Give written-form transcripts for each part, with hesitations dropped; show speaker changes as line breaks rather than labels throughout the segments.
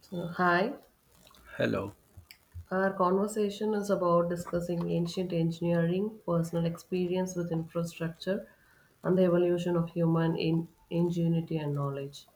So, hi,
Hello.
our conversation is about discussing ancient engineering, personal experience with infrastructure, and the evolution of human ingenuity and knowledge.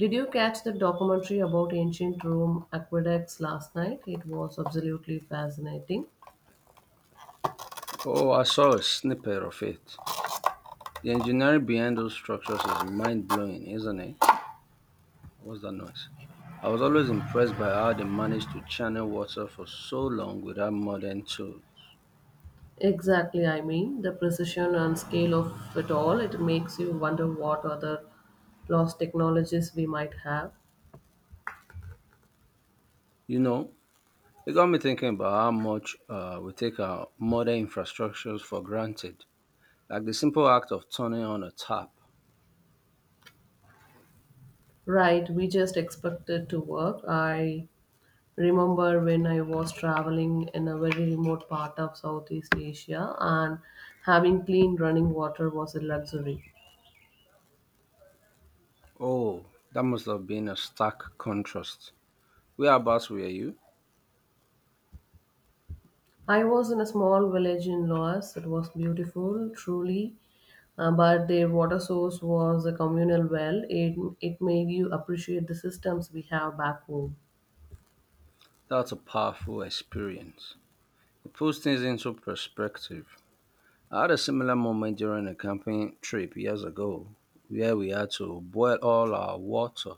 Did you catch the documentary about ancient Rome aqueducts last night? It was absolutely fascinating.
Oh, I saw a snippet of it. The engineering behind those structures is mind blowing, isn't it? What's that noise? I was always impressed by how they managed to channel water for so long without modern tools.
Exactly, I mean, the precision and scale of it all, it makes you wonder what other lost technologies we might have.
You know, it got me thinking about how much we take our modern infrastructures for granted, like the simple act of turning on a tap.
Right, we just expect it to work. I remember when I was traveling in a very remote part of Southeast Asia and having clean running water was a luxury.
Oh, that must have been a stark contrast. Whereabouts were you?
I was in a small village in Laos. It was beautiful, truly, but their water source was a communal well. It made you appreciate the systems we have back home.
That's a powerful experience. It puts things into perspective. I had a similar moment during a camping trip years ago where we had to boil all our water.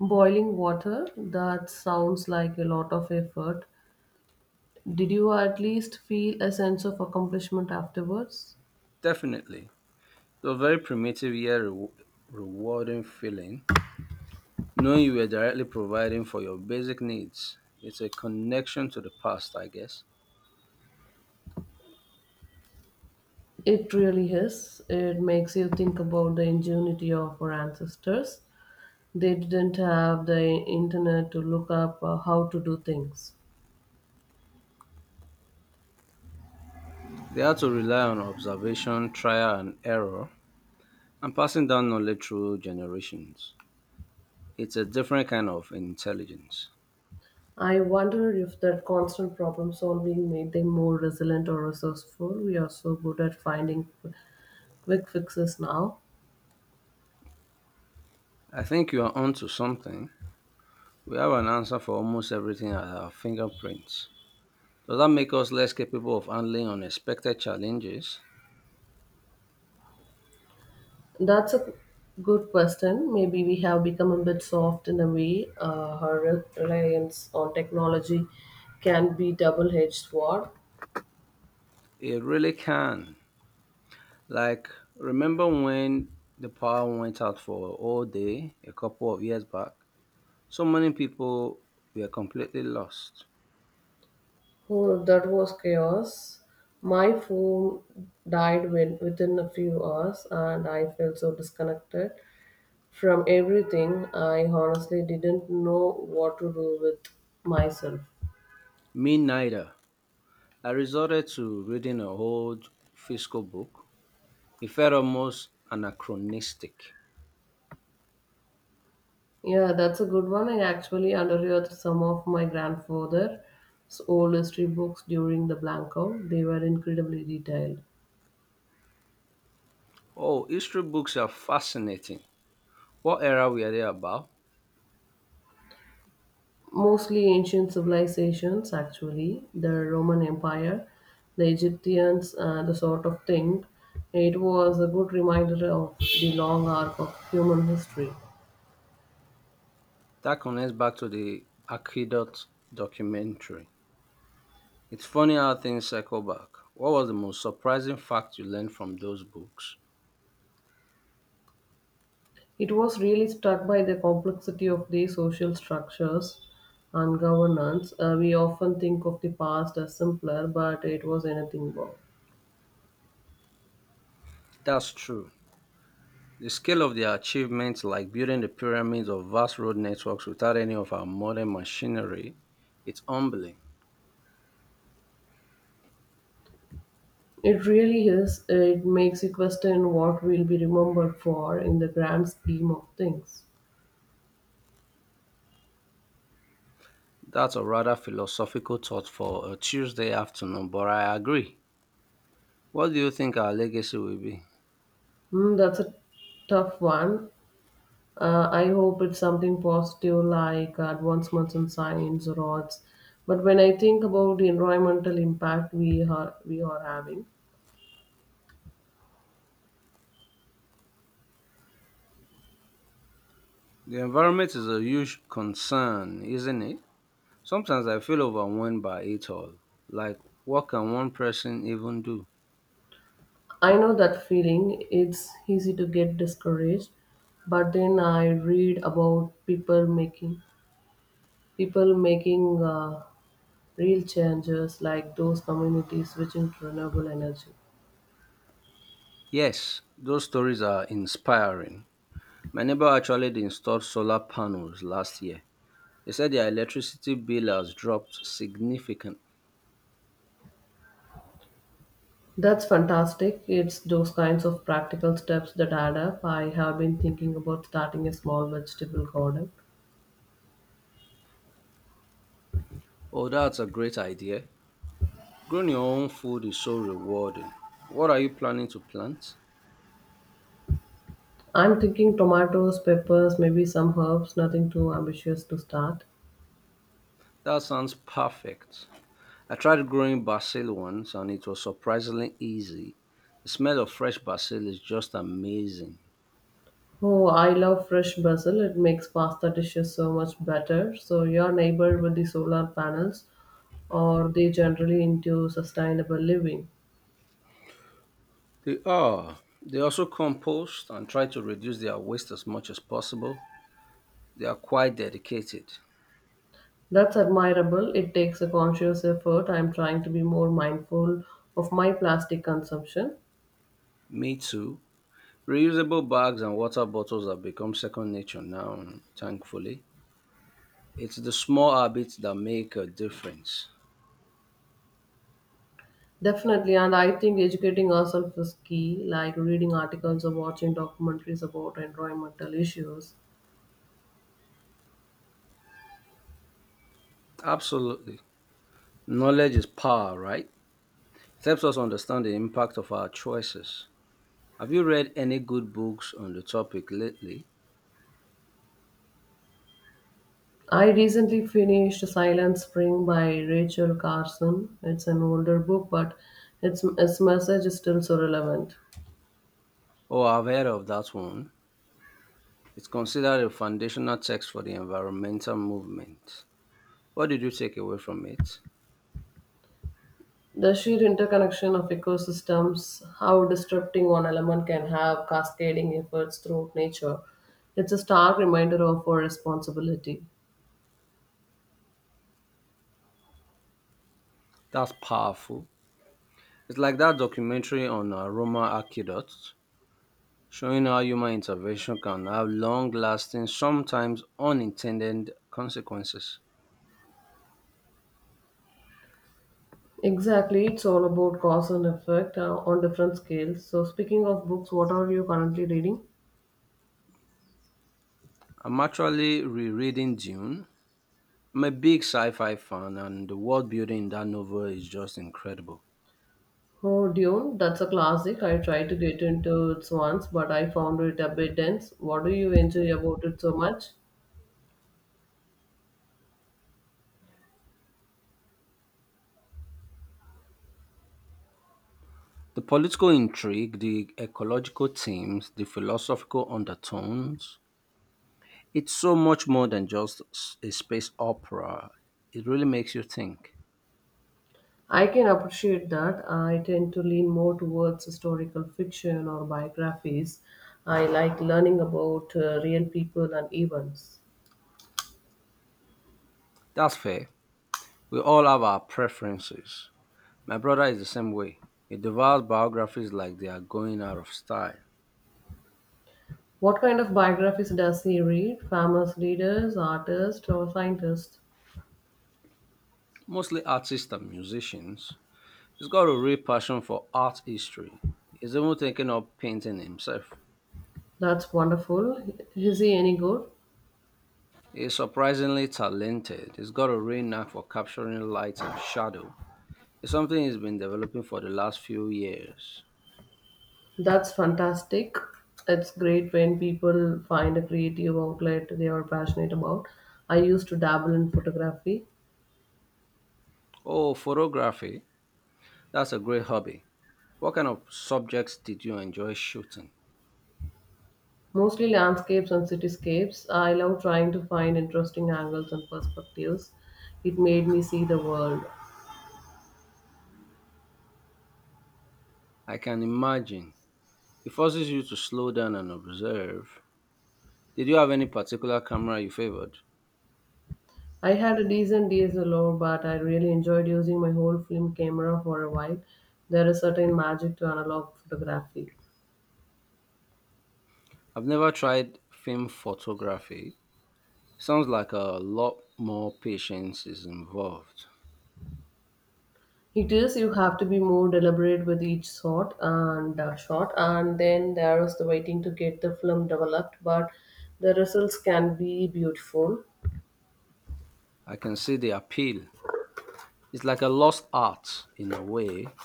Boiling water, that sounds like a lot of effort. Did you at least feel a sense of accomplishment afterwards?
Definitely. It was a very primitive yet rewarding feeling, knowing you were directly providing for your basic needs. It's a connection to the past, I guess.
It really is. It makes you think about the ingenuity of our ancestors. They didn't have the internet to look up how to do things.
They had to rely on observation, trial and error, and passing down knowledge through generations. It's a different kind of intelligence.
I wonder if that constant problem solving made them more resilient or resourceful. We are so good at finding quick fixes now.
I think you are onto something. We have an answer for almost everything at our fingerprints. Does that make us less capable of handling unexpected challenges?
That's a good question. Maybe we have become a bit soft in a way. Our reliance on technology can be double-edged sword.
It really can. Like, remember when the power went out for a whole day a couple of years back? So many people were completely lost.
Oh, that was chaos. My phone died when, within a few hours, and I felt so disconnected from everything. I honestly didn't know what to do with myself.
Me neither. I resorted to reading a old fiscal book. It felt almost anachronistic.
Yeah, that's a good one. I actually underread some of my grandfather's old history books during the blackout. They were incredibly detailed.
Oh, history books are fascinating. What era were they about?
Mostly ancient civilizations, actually, the Roman Empire, the Egyptians, the sort of thing. It was a good reminder of the long arc of human history.
That connects back to the Aqueduct documentary. It's funny how things cycle back. What was the most surprising fact you learned from those books?
It was really struck by the complexity of the social structures and governance. We often think of the past as simpler, but it was anything but.
That's true. The scale of their achievements, like building the pyramids of vast road networks without any of our modern machinery, it's humbling.
It really is. It makes you question what we'll be remembered for in the grand scheme of things.
That's a rather philosophical thought for a Tuesday afternoon, but I agree. What do you think our legacy will be?
Mm, that's a tough one. I hope it's something positive like advancements in science or arts. But when I think about the environmental impact we are having,
The environment is a huge concern, isn't it? Sometimes I feel overwhelmed by it all. Like, what can one person even do?
I know that feeling. It's easy to get discouraged, but then I read about people making real changes, like those communities switching to renewable energy.
Yes, those stories are inspiring. My neighbor actually installed solar panels last year. They said their electricity bill has dropped significantly.
That's fantastic. It's those kinds of practical steps that add up. I have been thinking about starting a small vegetable garden.
Oh, that's a great idea. Growing your own food is so rewarding. What are you planning to plant?
I'm thinking tomatoes, peppers, maybe some herbs, nothing too ambitious to start.
That sounds perfect. I tried growing basil once and it was surprisingly easy. The smell of fresh basil is just amazing.
Oh, I love fresh basil. It makes pasta dishes so much better. So, your neighbor with the solar panels, or they generally into sustainable living.
They are. They also compost and try to reduce their waste as much as possible. They are quite dedicated.
That's admirable. It takes a conscious effort. I'm trying to be more mindful of my plastic consumption.
Me too. Reusable bags and water bottles have become second nature now, thankfully. It's the small habits that make a difference.
Definitely, and I think educating ourselves is key, like reading articles or watching documentaries about environmental issues.
Absolutely. Knowledge is power, right? It helps us understand the impact of our choices. Have you read any good books on the topic lately?
I recently finished Silent Spring by Rachel Carson. It's an older book, but its message is still so relevant.
Oh, I've heard of that one. It's considered a foundational text for the environmental movement. What did you take away from it?
The sheer interconnection of ecosystems, how disrupting one element can have cascading efforts throughout nature, it's a stark reminder of our responsibility.
That's powerful. It's like that documentary on Roma aqueducts, showing how human intervention can have long lasting, sometimes unintended consequences.
Exactly, it's all about cause and effect on different scales. So, speaking of books, what are you currently reading?
I'm actually rereading Dune. I'm a big sci fi fan, and the world building in that novel is just incredible.
Oh, Dune, that's a classic. I tried to get into it once, but I found it a bit dense. What do you enjoy about it so much?
The political intrigue, the ecological themes, the philosophical undertones, it's so much more than just a space opera. It really makes you think.
I can appreciate that. I tend to lean more towards historical fiction or biographies. I like learning about real people and events.
That's fair. We all have our preferences. My brother is the same way. He devours biographies like they are going out of style.
What kind of biographies does he read? Famous leaders, artists, or scientists?
Mostly artists and musicians. He's got a real passion for art history. He's even thinking of painting himself.
That's wonderful. Is he any good?
He's surprisingly talented. He's got a real knack for capturing light and shadow. It's something he's been developing for the last few years.
That's fantastic. It's great when people find a creative outlet they are passionate about. I used to dabble in photography,
Oh, photography. That's a great hobby. What kind of subjects did you enjoy shooting?
mostly landscapes and cityscapes. I love trying to find interesting angles and perspectives. It made me see the world.
I can imagine. It forces you to slow down and observe. Did you have any particular camera you favored?
I had a decent DSLR, but I really enjoyed using my whole film camera for a while. There is certain magic to analog photography.
I've never tried film photography. Sounds like a lot more patience is involved.
It is. You have to be more deliberate with each shot, and then there is the waiting to get the film developed. But the results can be beautiful.
I can see the appeal. It's like a lost art in a way,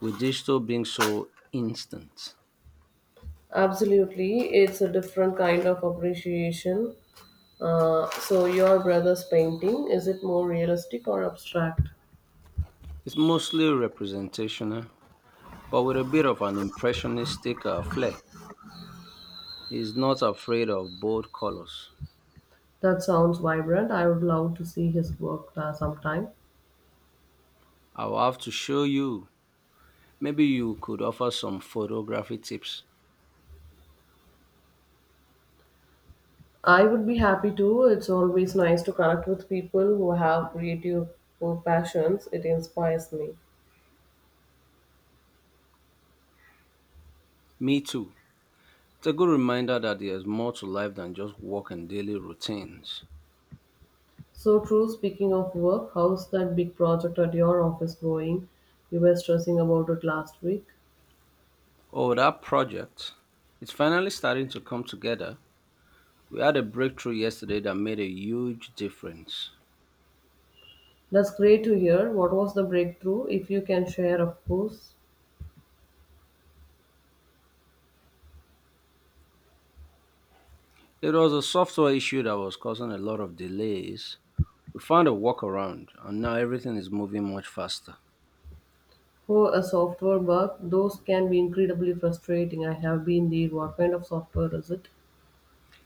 with digital being so instant.
Absolutely, it's a different kind of appreciation. So, your brother's painting is it more realistic or abstract?
It's mostly representational, but with a bit of an impressionistic flair. He's not afraid of bold colors.
That sounds vibrant. I would love to see his work sometime.
I'll have to show you. Maybe you could offer some photography tips.
I would be happy to. It's always nice to connect with people who have creative passions. It inspires me.
Me too. It's a good reminder that there's more to life than just work and daily routines.
So true, speaking of work, how's that big project at your office going? You were stressing about it last week.
Oh, that project. It's finally starting to come together. We had a breakthrough yesterday that made a huge difference.
That's great to hear. What was the breakthrough? If you can share, of course.
It was a software issue that was causing a lot of delays. We found a workaround, and now everything is moving much faster.
For a software bug, those can be incredibly frustrating. I have been there. What kind of software is it?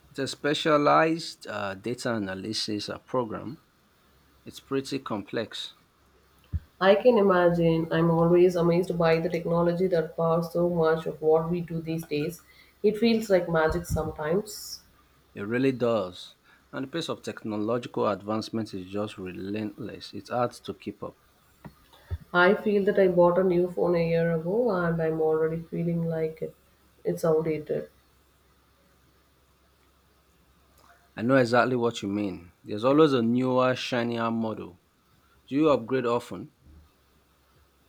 It's a specialized data analysis program. It's pretty complex.
I can imagine. I'm always amazed by the technology that powers so much of what we do these days. It feels like magic sometimes.
It really does. And the pace of technological advancement is just relentless. It's hard to keep up.
I feel that I bought a new phone a year ago and I'm already feeling like it's outdated.
I know exactly what you mean. There's always a newer, shinier model. Do you upgrade often?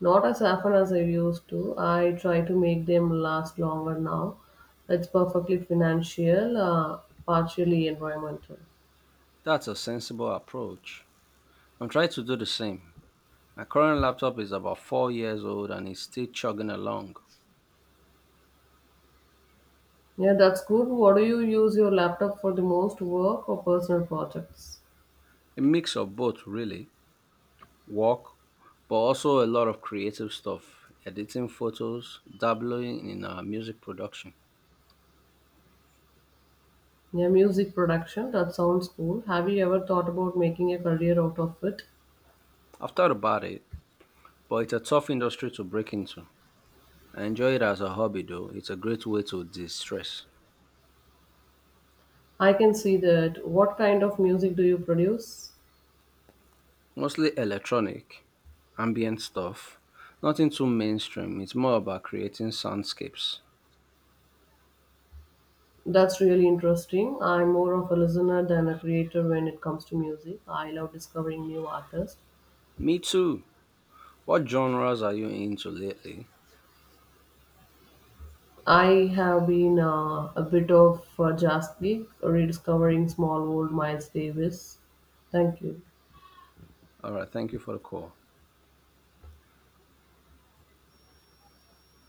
Not as often as I used to. I try to make them last longer now. It's perfectly financial, partially environmental.
That's a sensible approach. I'm trying to do the same. My current laptop is about 4 years old and it's still chugging along.
Yeah, that's good. What do you use your laptop for the most work or personal projects?
A mix of both, really, work, but also a lot of creative stuff, editing photos, dabbling in music production.
Yeah, music production. That sounds cool. Have you ever thought about making a career out of it?
I've thought about it, but it's a tough industry to break into. I enjoy it as a hobby though. It's a great way to de-stress.
I can see that. What kind of music do you produce?
Mostly electronic, ambient stuff. Nothing too mainstream. It's more about creating soundscapes.
That's really interesting. I'm more of a listener than a creator when it comes to music. I love discovering new artists.
Me too. What genres are you into lately?
I have been a bit of a jazz geek, rediscovering small old Miles Davis. Thank you.
All right, thank you for the call.